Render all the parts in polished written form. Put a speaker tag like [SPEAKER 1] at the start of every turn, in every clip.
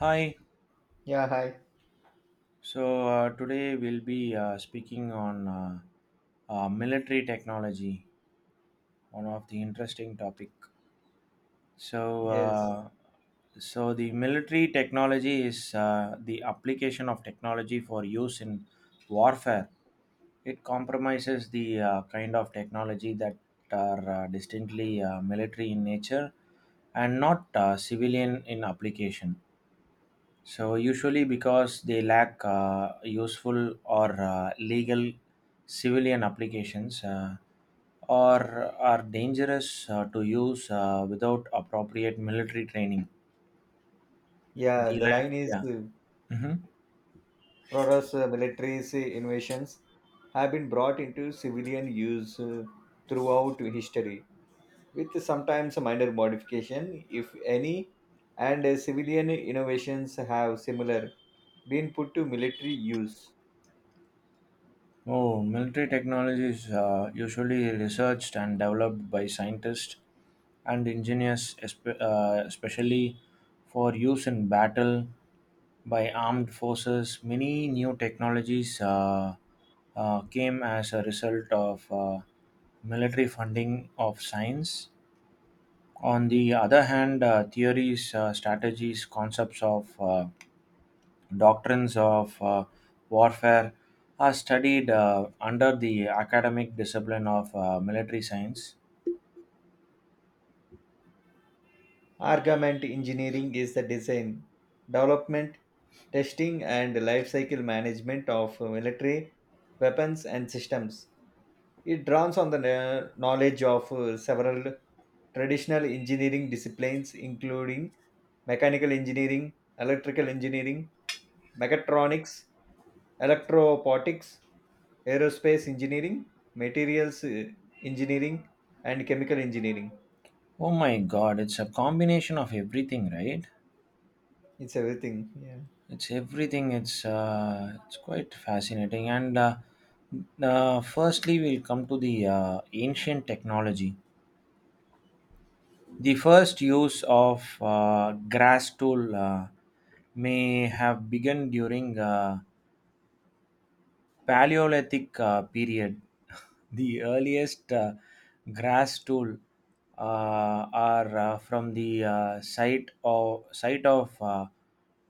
[SPEAKER 1] Hi.
[SPEAKER 2] Yeah, hi.
[SPEAKER 1] So today we'll be speaking on military technology, one of the interesting topic. So,
[SPEAKER 2] Yes.
[SPEAKER 1] uh, so the military technology is the application of technology for use in warfare. It compromises the kind of technology that are distinctly military in nature and not civilian in application. So usually because they lack useful or legal civilian applications or are dangerous to use without appropriate military training.
[SPEAKER 2] Yeah, the line is
[SPEAKER 1] Yeah. Mhm.
[SPEAKER 2] Protos military's invasions have been brought into civilian use throughout history, with sometimes minor modification, if any, and civilian innovations have similar been put to military use.
[SPEAKER 1] Oh, military technology is usually researched and developed by scientists and engineers, especially for use in battle by armed forces. Many new technologies came as a result of military funding of science. On the other hand, theories, strategies, concepts of doctrines of warfare are studied under the academic discipline of military science.
[SPEAKER 2] Armament engineering is the design, development, testing, and life cycle management of military weapons and systems. It draws on the knowledge of several traditional engineering disciplines, including mechanical engineering, electrical engineering, mechatronics, electropotics, aerospace engineering, materials engineering, and chemical engineering.
[SPEAKER 1] Oh my God! It's a combination of everything, right?
[SPEAKER 2] It's everything. Yeah,
[SPEAKER 1] It's everything. It's quite fascinating. And firstly, we'll come to the ancient technology. The first use of grass tool may have begun during Paleolithic period, the earliest grass tool are from the site of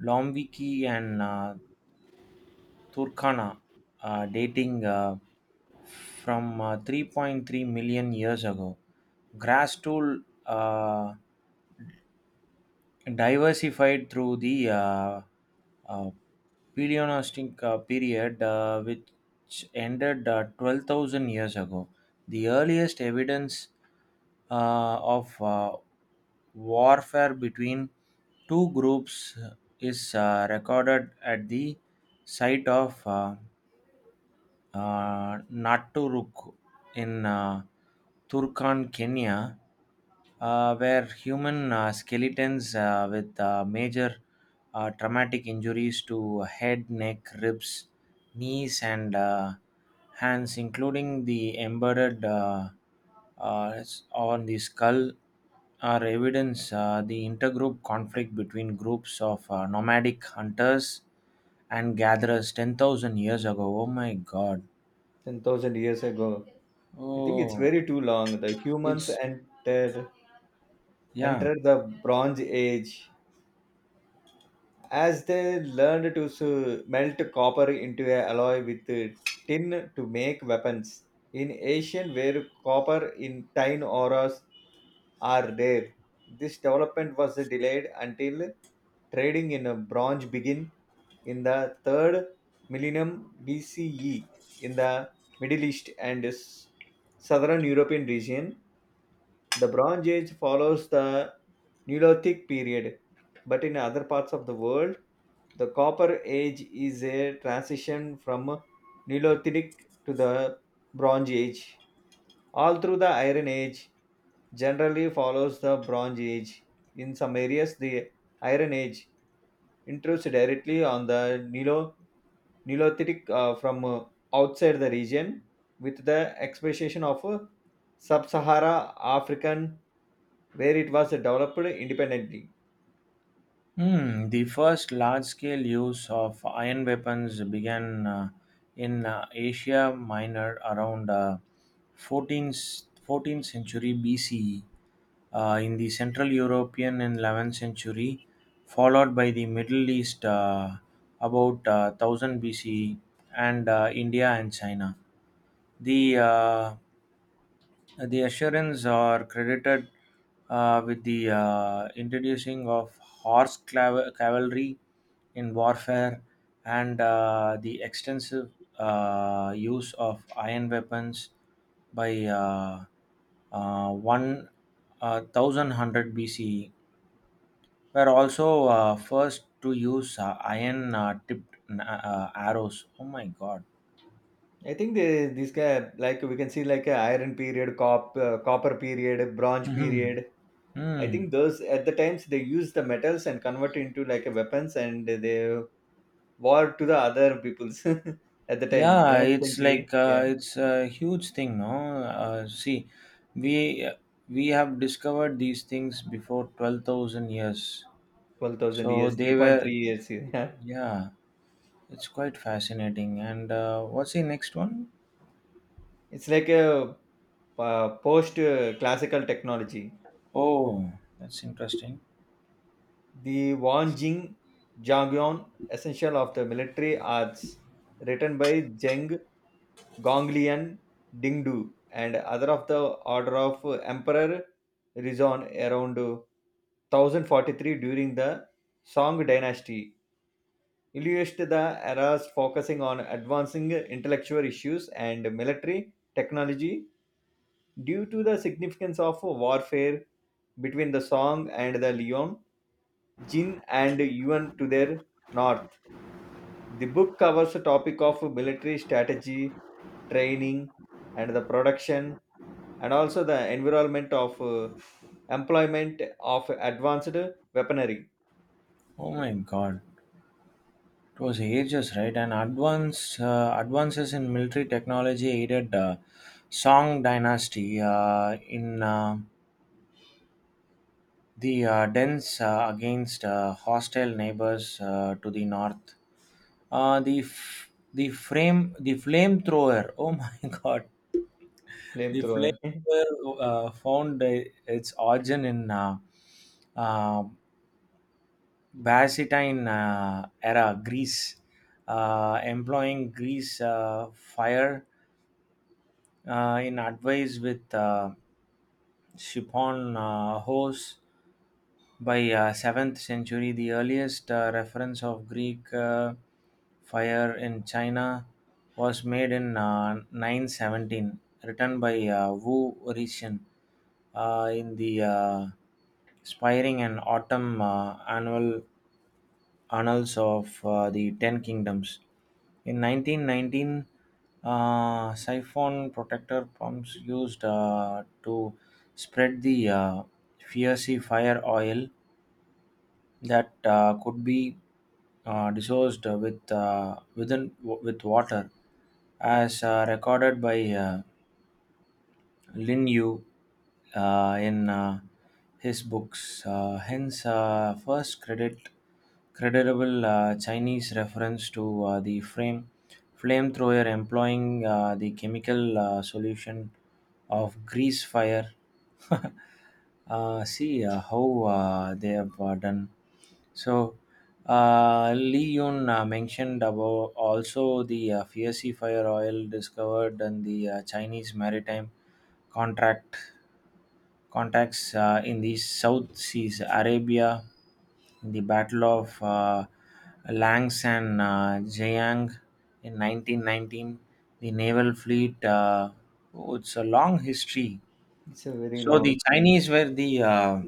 [SPEAKER 1] Lombiki and Turkana, dating from 3.3 million years ago. Grass tool diversified through the uh, Paleolithic period, which ended 12,000 years ago. The earliest evidence of warfare between two groups is recorded at the site of Naturuk in Turkan, Kenya, where human skeletons with major traumatic injuries to head, neck, ribs, knees, and hands, including the embedded uh, on the skull, are evidence the intergroup conflict between groups of nomadic hunters and gatherers 10,000 years ago. Oh my god.
[SPEAKER 2] 10,000 years ago. I think it's
[SPEAKER 1] Oh,
[SPEAKER 2] very too long. The humans
[SPEAKER 1] it's yeah.
[SPEAKER 2] entered the Bronze Age as they learned to melt copper into a alloy with tin to make weapons. In Asian, where copper in tin ores are rare, this development was delayed until trading in a bronze began in the third millennium BCE in the Middle East and southern European region. The Bronze Age follows the Neolithic period, but in other parts of the world, the Copper Age is a transition from Neolithic to the Bronze Age. All through the Iron Age generally follows the Bronze Age. In some areas, the Iron Age intrudes directly on the Neolithic from outside the region with the expectation of sub-Sahara African where it was developed independently.
[SPEAKER 1] Hmm. The first large-scale use of iron weapons began in Asia Minor around 14th century BCE in the Central European and 11th century, followed by the Middle East about 1000 BCE and India and China. The uh, The Assyrians are credited with the introducing of horse cavalry in warfare and the extensive use of iron weapons by uh, 1100 BCE were also first to use iron tipped arrows. Oh my god.
[SPEAKER 2] This guy like we can see like a iron period, copper period, bronze
[SPEAKER 1] Mhm.
[SPEAKER 2] period. I
[SPEAKER 1] Hmm.
[SPEAKER 2] think those at the times they use the metals and convert into like a weapons and they war to the other peoples at the time
[SPEAKER 1] Yeah,
[SPEAKER 2] 11th
[SPEAKER 1] it's
[SPEAKER 2] century.
[SPEAKER 1] like uh,
[SPEAKER 2] Yeah,
[SPEAKER 1] it's a huge thing, no? See, we we have discovered these things before 12,000 years.
[SPEAKER 2] twelve thousand
[SPEAKER 1] So
[SPEAKER 2] years,
[SPEAKER 1] they
[SPEAKER 2] three point
[SPEAKER 1] were,
[SPEAKER 2] three years. Yeah,
[SPEAKER 1] yeah, it's quite fascinating. And what's the next one?
[SPEAKER 2] it's like a post classical technology.
[SPEAKER 1] Oh, that's interesting.
[SPEAKER 2] The Wang Jing Jangyon Essential of the Military Arts, written by Zheng Gonglian Dingdu and other of the order of Emperor Rizon around 1043 during the Song dynasty, illustrated the eras focusing on advancing intellectual issues and military technology due to the significance of warfare between the Song and the Leon Jin and Yuan to their north. The book covers the topic of military strategy, training, and the production, and also the environment of employment of advanced weaponry.
[SPEAKER 1] Oh my God, it was ages, right? And advances in military technology aided Song dynasty in the dens against hostile neighbors to the north. The f- the frame the flamethrower. Oh my god! The
[SPEAKER 2] Flamethrower.
[SPEAKER 1] flamethrower found its origin in uh, Byzantine era Greece, employing Greece fire in advice with Shipon Hose by 7th century. The earliest reference of Greek fire in China was made in 917, written by Wu Rixin in the Spiring and Autumn Annual annals of the Ten Kingdoms. In 1919, siphon protector pumps used to spread the fiery fire oil that could be dissolved with within with water, as recorded by Lin Yu in his books, hence first credit credible Chinese reference to the frame flamethrower employing the chemical solution of grease fire. See how they have done. So Lee Yun mentioned about also the fiery fire oil discovered in the Chinese maritime contract contacts in the South Seas, Arabia, in the Battle of Langsan Jiang in 1919, the naval fleet. Oh, it's a long history.
[SPEAKER 2] It's a very
[SPEAKER 1] So
[SPEAKER 2] long.
[SPEAKER 1] the Chinese were the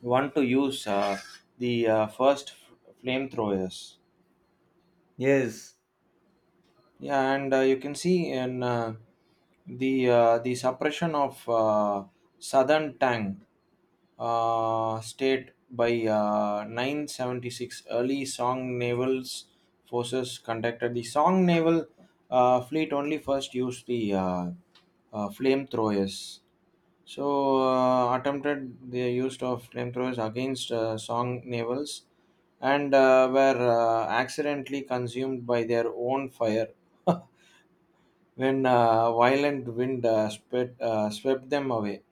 [SPEAKER 1] one to use the first flamethrowers.
[SPEAKER 2] Yes.
[SPEAKER 1] Yeah, and you can see in the suppression of Southern Tang state by 976 early Song Naval's forces conducted. The Song Naval fleet only first used the flamethrowers. So attempted the use of flamethrowers against Song Navals and were accidentally consumed by their own fire when violent wind swept them away.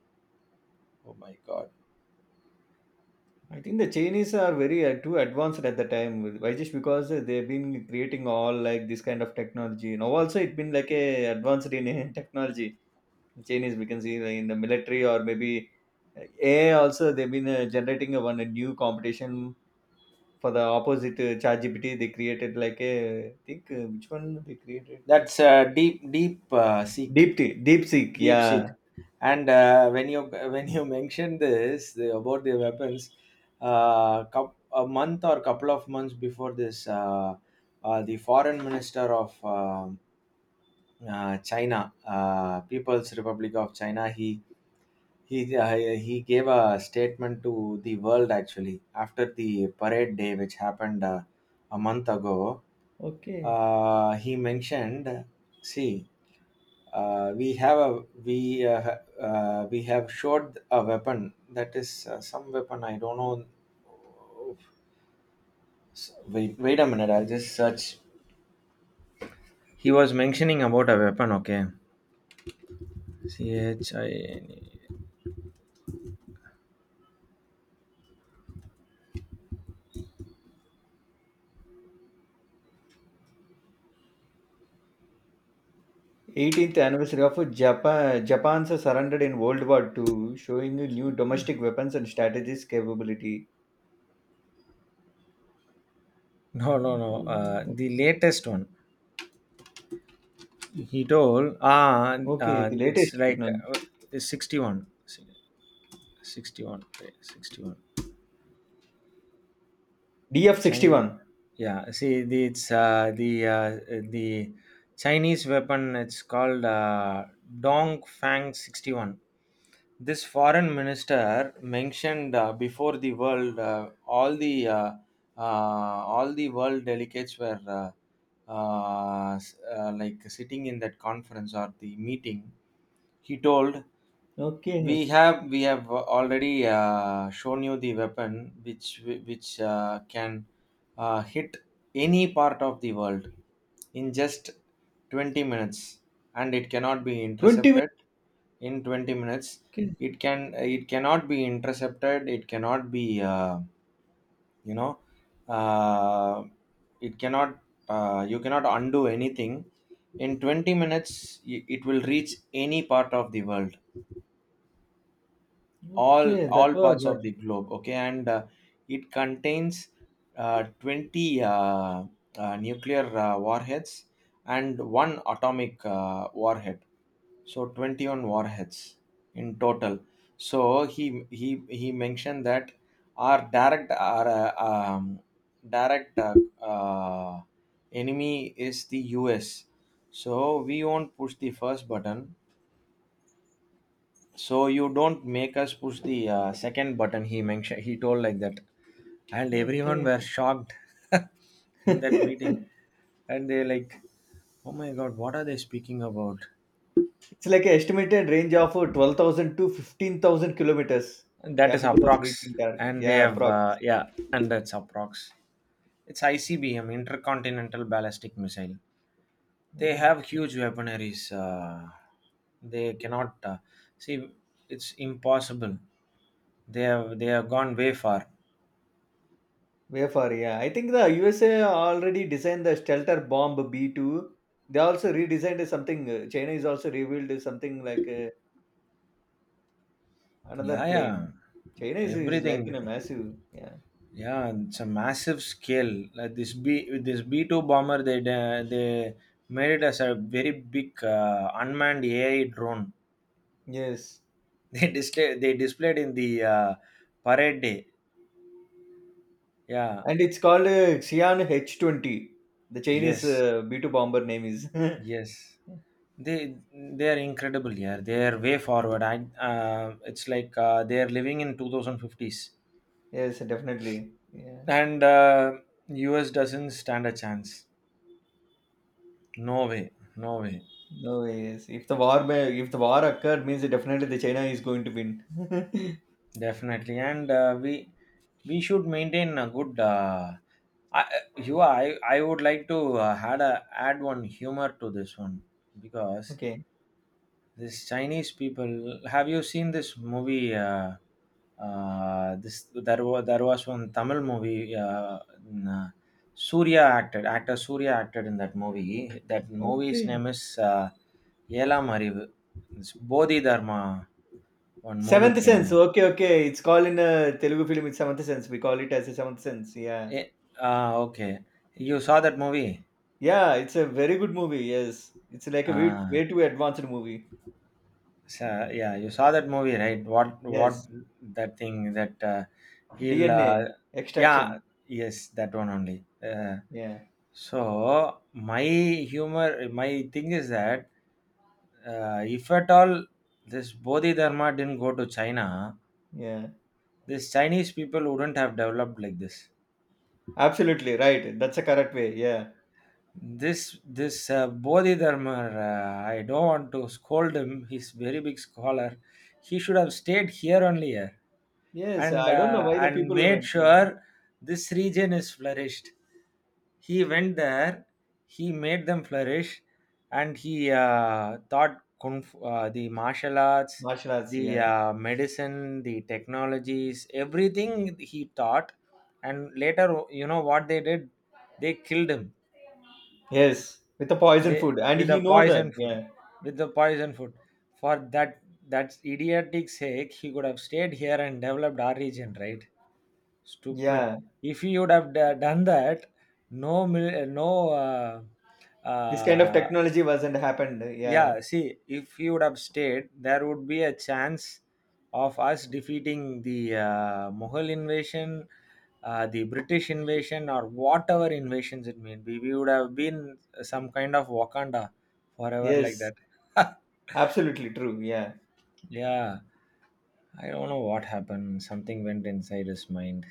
[SPEAKER 1] Oh my God,
[SPEAKER 2] I think the Chinese are very too advanced at the time. Why? Just because they've been creating all like this kind of technology. Now also it been like a advanced in technology. Chinese we can see like, in the military or maybe AI also they've been generating a one a new competition for the opposite ChatGPT. They created like a I think which one they created.
[SPEAKER 1] that's
[SPEAKER 2] Deep DeepSeek.
[SPEAKER 1] Deep Seek.
[SPEAKER 2] Yeah.
[SPEAKER 1] And when you when you mentioned about the weapons, a month or couple of months before this, the foreign minister of China, People's Republic of China, he gave a statement to the world actually after the parade day, which happened a month ago.
[SPEAKER 2] Okay.
[SPEAKER 1] He mentioned, "See, we have showed a weapon that is some weapon I don't know. Wait, wait a minute. I'll just search." He was mentioning about a weapon. Okay, CHINE.
[SPEAKER 2] 18th anniversary of Japan's surrendered in World War II, showing a new domestic weapons and strategies capability,
[SPEAKER 1] No, no, no.
[SPEAKER 2] including
[SPEAKER 1] The latest one. He told,
[SPEAKER 2] okay the
[SPEAKER 1] it's
[SPEAKER 2] latest
[SPEAKER 1] like
[SPEAKER 2] technology
[SPEAKER 1] it's 61. 61. Wait, 61. China.
[SPEAKER 2] DF61.
[SPEAKER 1] Yeah, see, it's the Chinese weapon. It's called Dong Fang 61. This foreign minister mentioned before the world all the world delegates were like sitting in that conference or the meeting. He told, we
[SPEAKER 2] Okay,
[SPEAKER 1] have already shown you the weapon which can hit any part of the world in just 20 minutes, and it cannot be
[SPEAKER 2] 20 minutes.
[SPEAKER 1] intercepted in 20 minutes.
[SPEAKER 2] Okay.
[SPEAKER 1] it can it cannot be intercepted. It cannot be, uh, you know uh, it cannot, you cannot undo anything in 20 minutes. It will reach any part of the world, all
[SPEAKER 2] Okay, that
[SPEAKER 1] all
[SPEAKER 2] was
[SPEAKER 1] parts
[SPEAKER 2] that.
[SPEAKER 1] of the globe. Okay. And it contains 20 nuclear warheads and one atomic warhead, so 21 warheads in total. So he mentioned that our direct uh, enemy is the US, so we won't push the first button, so you don't make us push the second button. He mentioned he told like that, and everyone
[SPEAKER 2] Okay.
[SPEAKER 1] were shocked in that meeting, and they like, oh my god, what are they speaking about?
[SPEAKER 2] It's like an estimated range of 12,000 to 15,000 kilometers
[SPEAKER 1] And that is
[SPEAKER 2] capable of
[SPEAKER 1] approx,
[SPEAKER 2] reaching target.
[SPEAKER 1] and they
[SPEAKER 2] Yeah,
[SPEAKER 1] have
[SPEAKER 2] approx.
[SPEAKER 1] yeah, and that's approx. It's ICBM, Intercontinental Ballistic Missile.
[SPEAKER 2] Oh
[SPEAKER 1] They
[SPEAKER 2] my
[SPEAKER 1] have
[SPEAKER 2] God.
[SPEAKER 1] huge weaponaries. They cannot see. It's impossible. They have gone way far.
[SPEAKER 2] Way far, yeah. I think the USA already designed the Stelter bomb B2. They also redesigned something. China is also revealed something like another
[SPEAKER 1] Yeah, yeah.
[SPEAKER 2] plane. China is like in a
[SPEAKER 1] Everything.
[SPEAKER 2] massive, yeah.
[SPEAKER 1] Yeah, and it's a massive scale. Like this B-2 bomber, they made it as a very big unmanned AI drone.
[SPEAKER 2] Yes.
[SPEAKER 1] They display they displayed in the parade day. Yeah.
[SPEAKER 2] And it's called Xi'an H20. The Chinese
[SPEAKER 1] Yes.
[SPEAKER 2] B2 bomber name is.
[SPEAKER 1] Yes. They are incredible. Yeah, they are way forward. I It's like they are living in 2000 fifties,
[SPEAKER 2] Yes, definitely. Yeah.
[SPEAKER 1] and US doesn't stand a chance. No way. No way.
[SPEAKER 2] No ways. If the war may, if the war occurred, means definitely the China is going to win.
[SPEAKER 1] Definitely, and we should maintain a good. I, I would like to add one humor to this one because
[SPEAKER 2] Okay.
[SPEAKER 1] this Chinese people. Have you seen this movie? This There was one Tamil movie. In, Surya acted actor Surya acted in that movie. That movie's
[SPEAKER 2] Okay.
[SPEAKER 1] name is Yelam Arivu. It's Bodhi Dharma. One movie
[SPEAKER 2] Seventh
[SPEAKER 1] came
[SPEAKER 2] Sense.
[SPEAKER 1] here.
[SPEAKER 2] Okay, okay. It's called in a Telugu film. It's Seventh Sense. We call it as a Seventh Sense. Yeah.
[SPEAKER 1] Eh, ah, okay. You saw that movie.
[SPEAKER 2] Yeah. It's a very good movie. Yes. It's like a way,
[SPEAKER 1] Uh,
[SPEAKER 2] way too advanced movie.
[SPEAKER 1] so, yeah, you saw that movie, right? What
[SPEAKER 2] Yes.
[SPEAKER 1] that thing that he'll
[SPEAKER 2] DNA
[SPEAKER 1] yeah,
[SPEAKER 2] extraction.
[SPEAKER 1] yes, that one only.
[SPEAKER 2] Yeah.
[SPEAKER 1] So my humor, my thing is that if at all this Bodhi Dharma didn't go to China,
[SPEAKER 2] Yeah.
[SPEAKER 1] these Chinese people wouldn't have developed like this.
[SPEAKER 2] Absolutely right. That's a correct way. Yeah.
[SPEAKER 1] This Bodhidharma, I don't want to scold him. He's very big scholar. He should have stayed here only,
[SPEAKER 2] Yes. I don't know why the
[SPEAKER 1] and
[SPEAKER 2] people
[SPEAKER 1] made
[SPEAKER 2] went to
[SPEAKER 1] sure this region is flourished. He went there. He made them flourish, and he taught kung fu, the martial arts,
[SPEAKER 2] martial arts.
[SPEAKER 1] the
[SPEAKER 2] Yeah.
[SPEAKER 1] medicine, the technologies, everything he taught. And later, you know what they did? They killed him,
[SPEAKER 2] Yes. With the poison
[SPEAKER 1] they
[SPEAKER 2] food, and
[SPEAKER 1] with the
[SPEAKER 2] he know that.
[SPEAKER 1] poison food,
[SPEAKER 2] Yeah.
[SPEAKER 1] with the poison food. For that, that's idiotic sake he could have stayed here and developed our region, right? Stupid.
[SPEAKER 2] Yeah.
[SPEAKER 1] If he would have done that, no no
[SPEAKER 2] This kind of technology wasn't happened. Yeah.
[SPEAKER 1] yeah, see, if he would have stayed, there would be a chance of us defeating the Mughal invasion, the British invasion, or whatever invasions it may be. We would have been some kind of Wakanda forever like
[SPEAKER 2] Yes.
[SPEAKER 1] that.
[SPEAKER 2] Absolutely true, yeah.
[SPEAKER 1] Yeah, I don't know what happened. Something went inside his mind.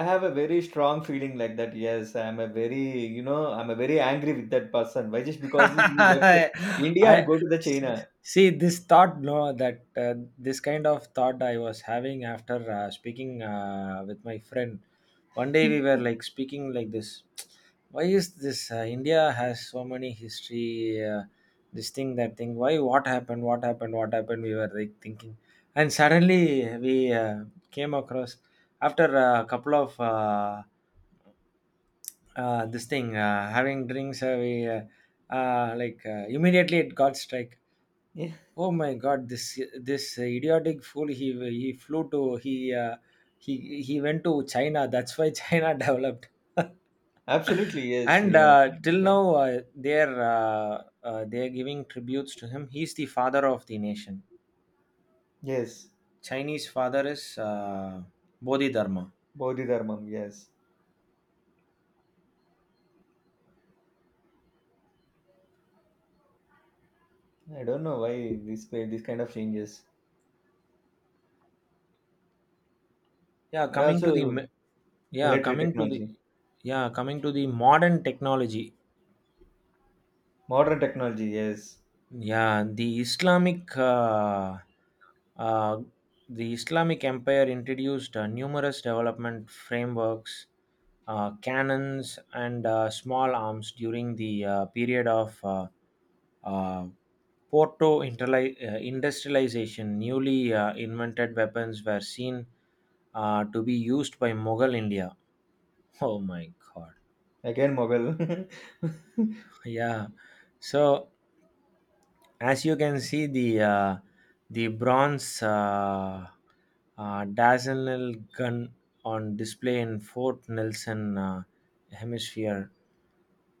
[SPEAKER 2] I have a very strong feeling like that. Yes, I'm a very you know, I'm a very angry with that person. Why? Just because he left India
[SPEAKER 1] I
[SPEAKER 2] and go to the China.
[SPEAKER 1] see this thought. No, that this kind of thought I was having after speaking with my friend. One day we were like speaking like this. Why is this? India has so many history. This thing, that thing. Why? What happened? What happened? What happened? We were like thinking, and suddenly we came across after a couple of, this thing, having drinks, we, like, immediately it got strike.
[SPEAKER 2] Yeah,
[SPEAKER 1] Oh my God, this idiotic fool! He flew to. He uh, he he went to China. That's why China developed.
[SPEAKER 2] absolutely. Yes.
[SPEAKER 1] and
[SPEAKER 2] Yeah.
[SPEAKER 1] uh, till
[SPEAKER 2] Yeah.
[SPEAKER 1] now, they're giving tributes to him. He's the father of the nation.
[SPEAKER 2] Yes.
[SPEAKER 1] Chinese father is uh, Bodhidharma.
[SPEAKER 2] Bodhi Dharmam. Yes. I don't know why this way this kind of changes.
[SPEAKER 1] yeah
[SPEAKER 2] And
[SPEAKER 1] coming to the
[SPEAKER 2] also
[SPEAKER 1] m- yeah
[SPEAKER 2] military
[SPEAKER 1] coming to the
[SPEAKER 2] technology.
[SPEAKER 1] yeah, coming to the modern technology.
[SPEAKER 2] Modern technology, yes.
[SPEAKER 1] Yeah, uh, the Islamic Empire introduced numerous development frameworks, cannons, and small arms during the period of uh, Porto industrialization. Newly invented weapons were seen to be used by Mughal India. Oh my God!
[SPEAKER 2] Again Mughal.
[SPEAKER 1] Yeah, so as you can see the bronze Dardanelle gun on display in Fort Nelson hemisphere.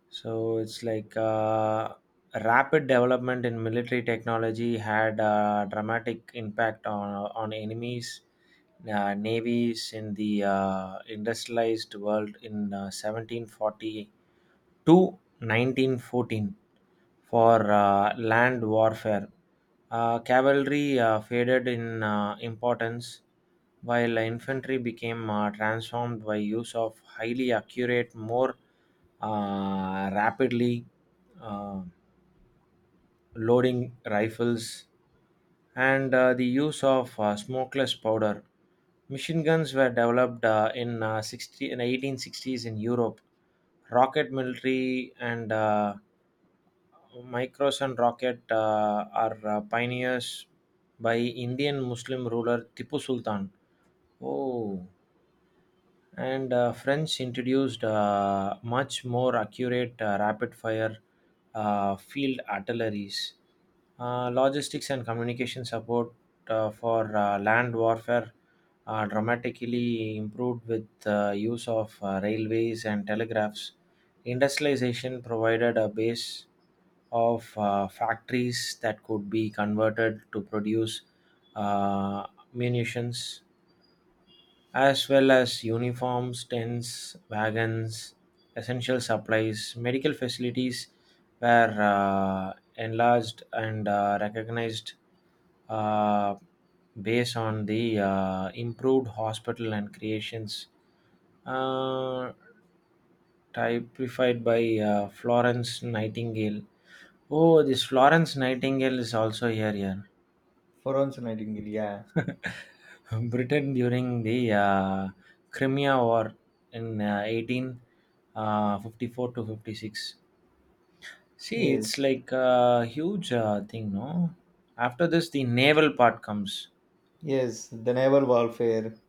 [SPEAKER 1] So it's like rapid development in military technology had a dramatic impact on enemies navies in the industrialized world in 1740 to 1914 for land warfare. Cavalry faded in importance, while infantry became transformed by use of highly accurate, more rapidly uh, loading rifles and the use of smokeless powder. Machine guns were developed in in 1860s in Europe. Rocket military, and Micros and rocket are pioneers by Indian Muslim ruler Tipu Sultan. Oh, and French introduced much more accurate rapid fire field artilleries. Logistics and communication support for land warfare dramatically improved with use of railways and telegraphs. Industrialization provided a base of factories that could be converted to produce uh, munitions, as well as uniforms, tents, wagons, essential supplies. Medical facilities were enlarged and recognized uh, based on the improved hospital and creations. Uh, Typified by Florence Nightingale. Oh, this Florence Nightingale is also here. Here,
[SPEAKER 2] For Nightingale, yeah.
[SPEAKER 1] Britain during the Crimea War in 18 54 to 56. See, it's
[SPEAKER 2] Yes.
[SPEAKER 1] like a huge thing, no? After this, the naval part comes.
[SPEAKER 2] Yes, the naval warfare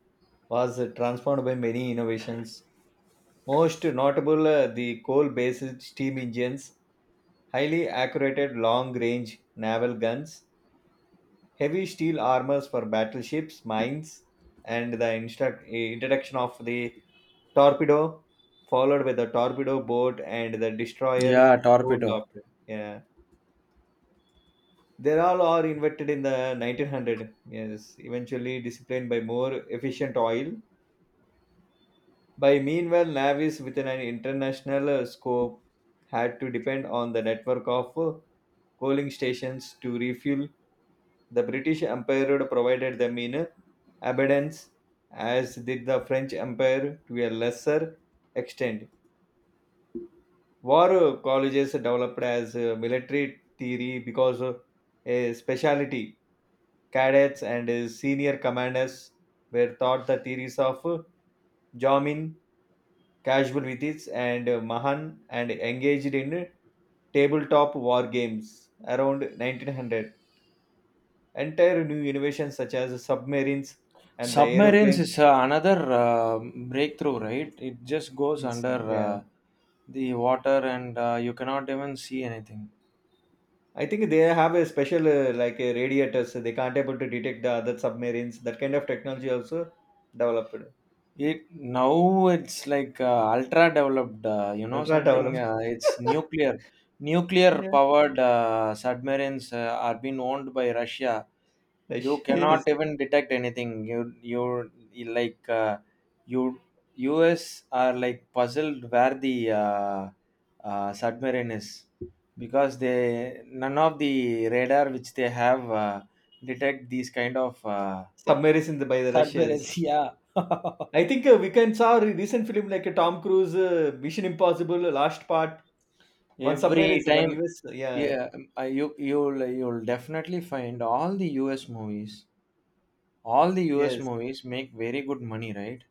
[SPEAKER 2] was transformed by many innovations. Most notable, the coal based steam engines, highly accurate long range naval guns, heavy steel armors for battleships, mines, and the introduction of the torpedo, followed by the torpedo boat and the destroyer
[SPEAKER 1] Yeah,
[SPEAKER 2] cool
[SPEAKER 1] torpedo.
[SPEAKER 2] after. Yeah. They all are invented in the 1900. Yes, eventually disciplined by more efficient oil. By meanwhile, navies with an international scope had to depend on the network of coaling stations to refuel. The British Empire provided them in abundance, as did the French Empire to a lesser extent. War colleges developed as military theory because a specialty cadets and senior commanders were taught the theories of jamming casual with it and Mahan and engaged in tabletop war games around 1900. Entire new innovations such as submarines and the
[SPEAKER 1] Submarines
[SPEAKER 2] aeroplanes.
[SPEAKER 1] is another breakthrough, right? It just goes
[SPEAKER 2] It's,
[SPEAKER 1] under
[SPEAKER 2] yeah,
[SPEAKER 1] the water, and you cannot even see anything.
[SPEAKER 2] I think they have a special like a radiators. They can't able to detect the other submarines. That kind of technology also developed,
[SPEAKER 1] It Now it's like ultra developed,
[SPEAKER 2] ultra
[SPEAKER 1] something.
[SPEAKER 2] developed.
[SPEAKER 1] It's nuclear. Nuclear
[SPEAKER 2] Yeah,
[SPEAKER 1] powered submarines are being owned by Russia. You
[SPEAKER 2] Russia-
[SPEAKER 1] cannot
[SPEAKER 2] yes,
[SPEAKER 1] even detect anything. You like you U.S. are like puzzled where the submarine is, because they, none of the radar which they have detect these kind of
[SPEAKER 2] submarines in the by the Russians.
[SPEAKER 1] submarines. Yeah,
[SPEAKER 2] I think we can saw a recent film like Tom Cruise Mission Impossible Last Part. One submarine
[SPEAKER 1] every
[SPEAKER 2] one
[SPEAKER 1] time.
[SPEAKER 2] US. Yeah.
[SPEAKER 1] Yeah, you'll definitely find all the US movies. All the US
[SPEAKER 2] Yes.
[SPEAKER 1] movies make very good money, right?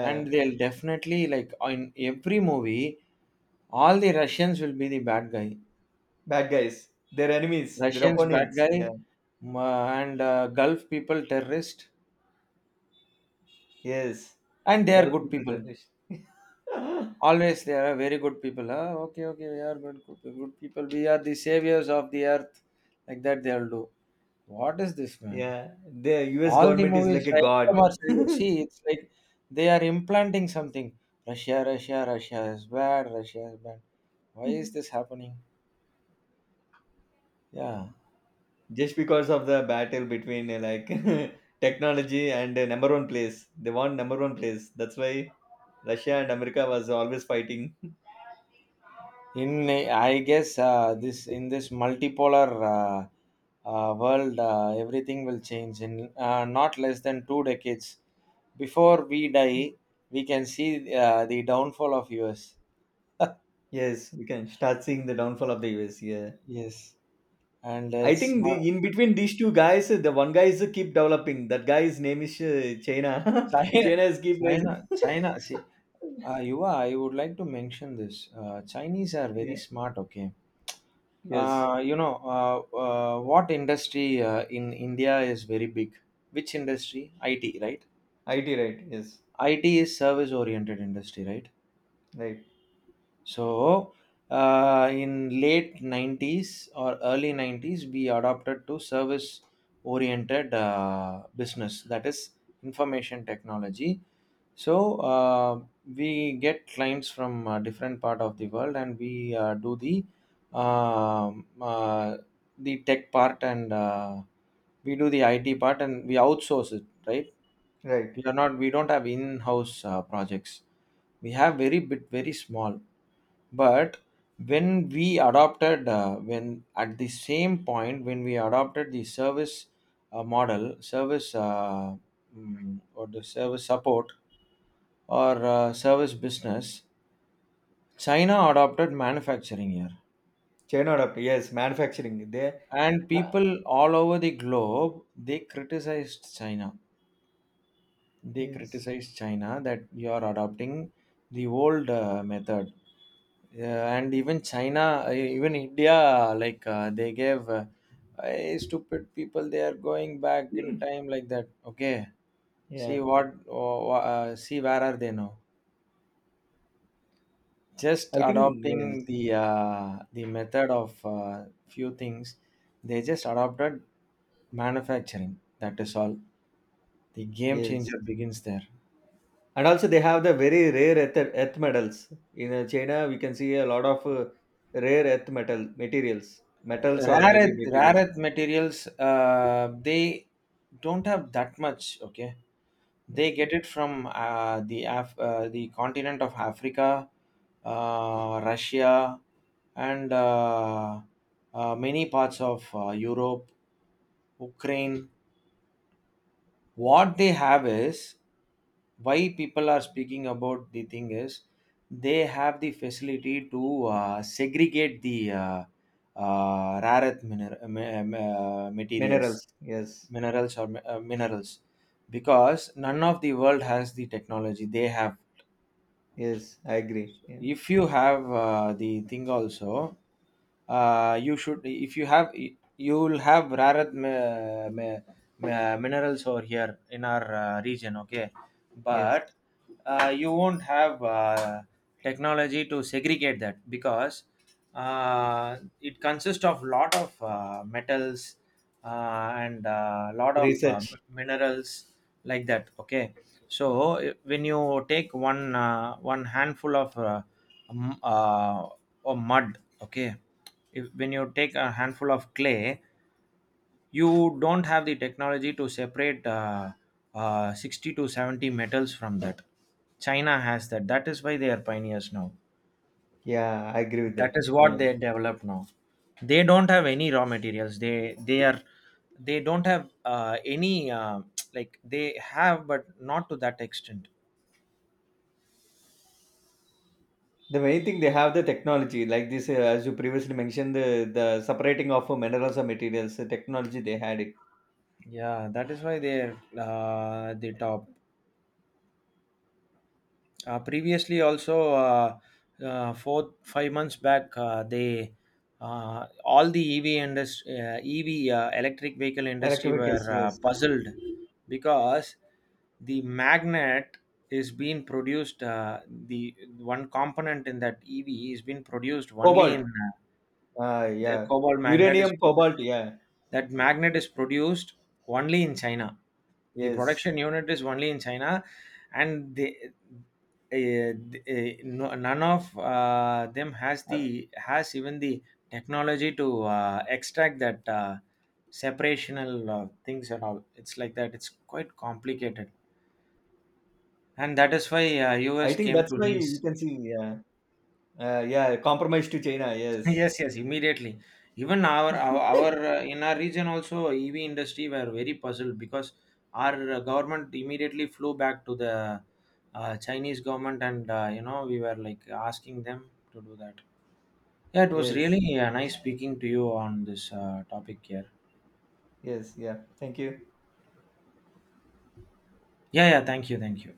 [SPEAKER 1] And they'll definitely like in every movie, all the Russians will be the bad guy.
[SPEAKER 2] Bad guys. Their enemies. Their
[SPEAKER 1] Russians bad
[SPEAKER 2] opponents. Yeah.
[SPEAKER 1] guy, and Gulf people terrorist,
[SPEAKER 2] Yes.
[SPEAKER 1] and they are
[SPEAKER 2] Gulf
[SPEAKER 1] good
[SPEAKER 2] people
[SPEAKER 1] people.
[SPEAKER 2] generation.
[SPEAKER 1] Always they are very good people. Ah, okay, okay, we are good, good, good people. We are the saviors of the earth. Like that they'll do. What is this, man?
[SPEAKER 2] Yeah. The US
[SPEAKER 1] All the
[SPEAKER 2] government is
[SPEAKER 1] movies
[SPEAKER 2] like a
[SPEAKER 1] right from our
[SPEAKER 2] god.
[SPEAKER 1] childhood. See, it's like they are implanting something. Russia, Russia, Russia is bad. Russia is bad. Why is this happening? Yeah.
[SPEAKER 2] Just because of the battle between like technology and number one place. They want number one place. That's why Russia and America was always fighting.
[SPEAKER 1] I guess this multipolar world, everything will change in not less than 2 decades. Before we die, we can see the downfall of US.
[SPEAKER 2] Yes, we can start seeing the downfall of the US. Yeah.
[SPEAKER 1] Yes, and
[SPEAKER 2] I
[SPEAKER 1] it's
[SPEAKER 2] think
[SPEAKER 1] not.
[SPEAKER 2] the, in between these two guys, the one guy is keep developing. That guy's name is China.
[SPEAKER 1] China,
[SPEAKER 2] China is keep raising.
[SPEAKER 1] China, China. See, Yuva, I would like to mention this. Chinese are very
[SPEAKER 2] Yeah.
[SPEAKER 1] smart. Okay,
[SPEAKER 2] Yes.
[SPEAKER 1] what industry in India is very big. Which industry? IT, right?
[SPEAKER 2] IT right. Yes.
[SPEAKER 1] IT is service oriented industry, right?
[SPEAKER 2] Right.
[SPEAKER 1] So, in late '90s or early '90s, we adopted to service oriented business. That is information technology. So we get clients from different part of the world, and we do um uh, the tech part, and we do the IT part, and we outsource it. Right?
[SPEAKER 2] Right.
[SPEAKER 1] We are not. We don't have in-house projects. We have very bit, very small. But when at the same point when we adopted the service model, or the service support or service business, China adopted manufacturing here.
[SPEAKER 2] China up. Yes. Manufacturing. There.
[SPEAKER 1] And people all over the globe, they criticized China. They
[SPEAKER 2] Yes.
[SPEAKER 1] criticized China that you are adopting the old method. And even China, even India, like they gave "Hey, stupid people, they are going back in time like that. Okay,
[SPEAKER 2] Yeah.
[SPEAKER 1] see where are they now? Just
[SPEAKER 2] I think yes.
[SPEAKER 1] adopting the method of few things. They just adopted manufacturing, that is all. The game
[SPEAKER 2] Yes.
[SPEAKER 1] changer begins there."
[SPEAKER 2] And also they have the very rare earth, earth metals. In China, we can see a lot of rare earth metal materials, metals or
[SPEAKER 1] Rare
[SPEAKER 2] maybe
[SPEAKER 1] earth, rare
[SPEAKER 2] materials.
[SPEAKER 1] earth materials, they don't have that much, okay. They get
[SPEAKER 2] Okay.
[SPEAKER 1] it from the continent of Africa, Russia, and many parts of Europe, Ukraine. What they have is, why people are speaking about the thing is, they have the facility to segregate the rare earth materials,
[SPEAKER 2] Minerals. Yes.
[SPEAKER 1] minerals, or minerals, because none of the world has the technology they have.
[SPEAKER 2] Yes. I agree. Yeah.
[SPEAKER 1] If you have the thing also, you should if you have, you will have rare minerals over here in our region, okay.
[SPEAKER 2] Yes.
[SPEAKER 1] But you won't have technology to segregate that, because it consists of lot of metals, and a lot of
[SPEAKER 2] Research.
[SPEAKER 1] minerals, like that, okay.
[SPEAKER 2] Yeah.
[SPEAKER 1] So when you take one handful of m- uh, or mud, okay. If, when you take a handful of clay, you don't have the technology to separate 60 to 70 metals from that. China has that. That is why they are pioneers now.
[SPEAKER 2] Yeah, I agree with
[SPEAKER 1] That
[SPEAKER 2] that.
[SPEAKER 1] is what
[SPEAKER 2] Yeah,
[SPEAKER 1] they develop now. They don't have any raw materials. They are they don't have any like they have, but not to that extent.
[SPEAKER 2] the main thing they have the technology, like this, as you previously mentioned, the separating of minerals or materials, the technology they had it.
[SPEAKER 1] Yeah, that is why they're the top. Previously, also, 4 5 months back, they, all the EV industry, EV, electric vehicle industry, were
[SPEAKER 2] Electrification, yes.
[SPEAKER 1] puzzled because the magnet is being produced. The one component in that EV is being produced only
[SPEAKER 2] Cobalt,
[SPEAKER 1] in,
[SPEAKER 2] ah,
[SPEAKER 1] the
[SPEAKER 2] yeah.
[SPEAKER 1] cobalt magnet is
[SPEAKER 2] Uranium,
[SPEAKER 1] being.
[SPEAKER 2] cobalt, yeah,
[SPEAKER 1] That magnet is produced only in China. The
[SPEAKER 2] yes.
[SPEAKER 1] production unit is only in China, and no, none of them has
[SPEAKER 2] Uh,
[SPEAKER 1] the has even the technology to extract that separational things at all. It's like that. It's quite complicated, and that is why
[SPEAKER 2] I
[SPEAKER 1] US
[SPEAKER 2] think
[SPEAKER 1] came
[SPEAKER 2] that's
[SPEAKER 1] to
[SPEAKER 2] why you
[SPEAKER 1] Nice.
[SPEAKER 2] can see, yeah, yeah, compromise to China, yes,
[SPEAKER 1] Yes, yes, immediately. Even our in our region also EV industry were very puzzled, because our government immediately flew back to the Chinese government, and we were like asking them to do that. Yeah, it was
[SPEAKER 2] yes,
[SPEAKER 1] really nice speaking to you on this topic here.
[SPEAKER 2] yes, yeah. Thank you.
[SPEAKER 1] Yeah, yeah, thank you, thank you.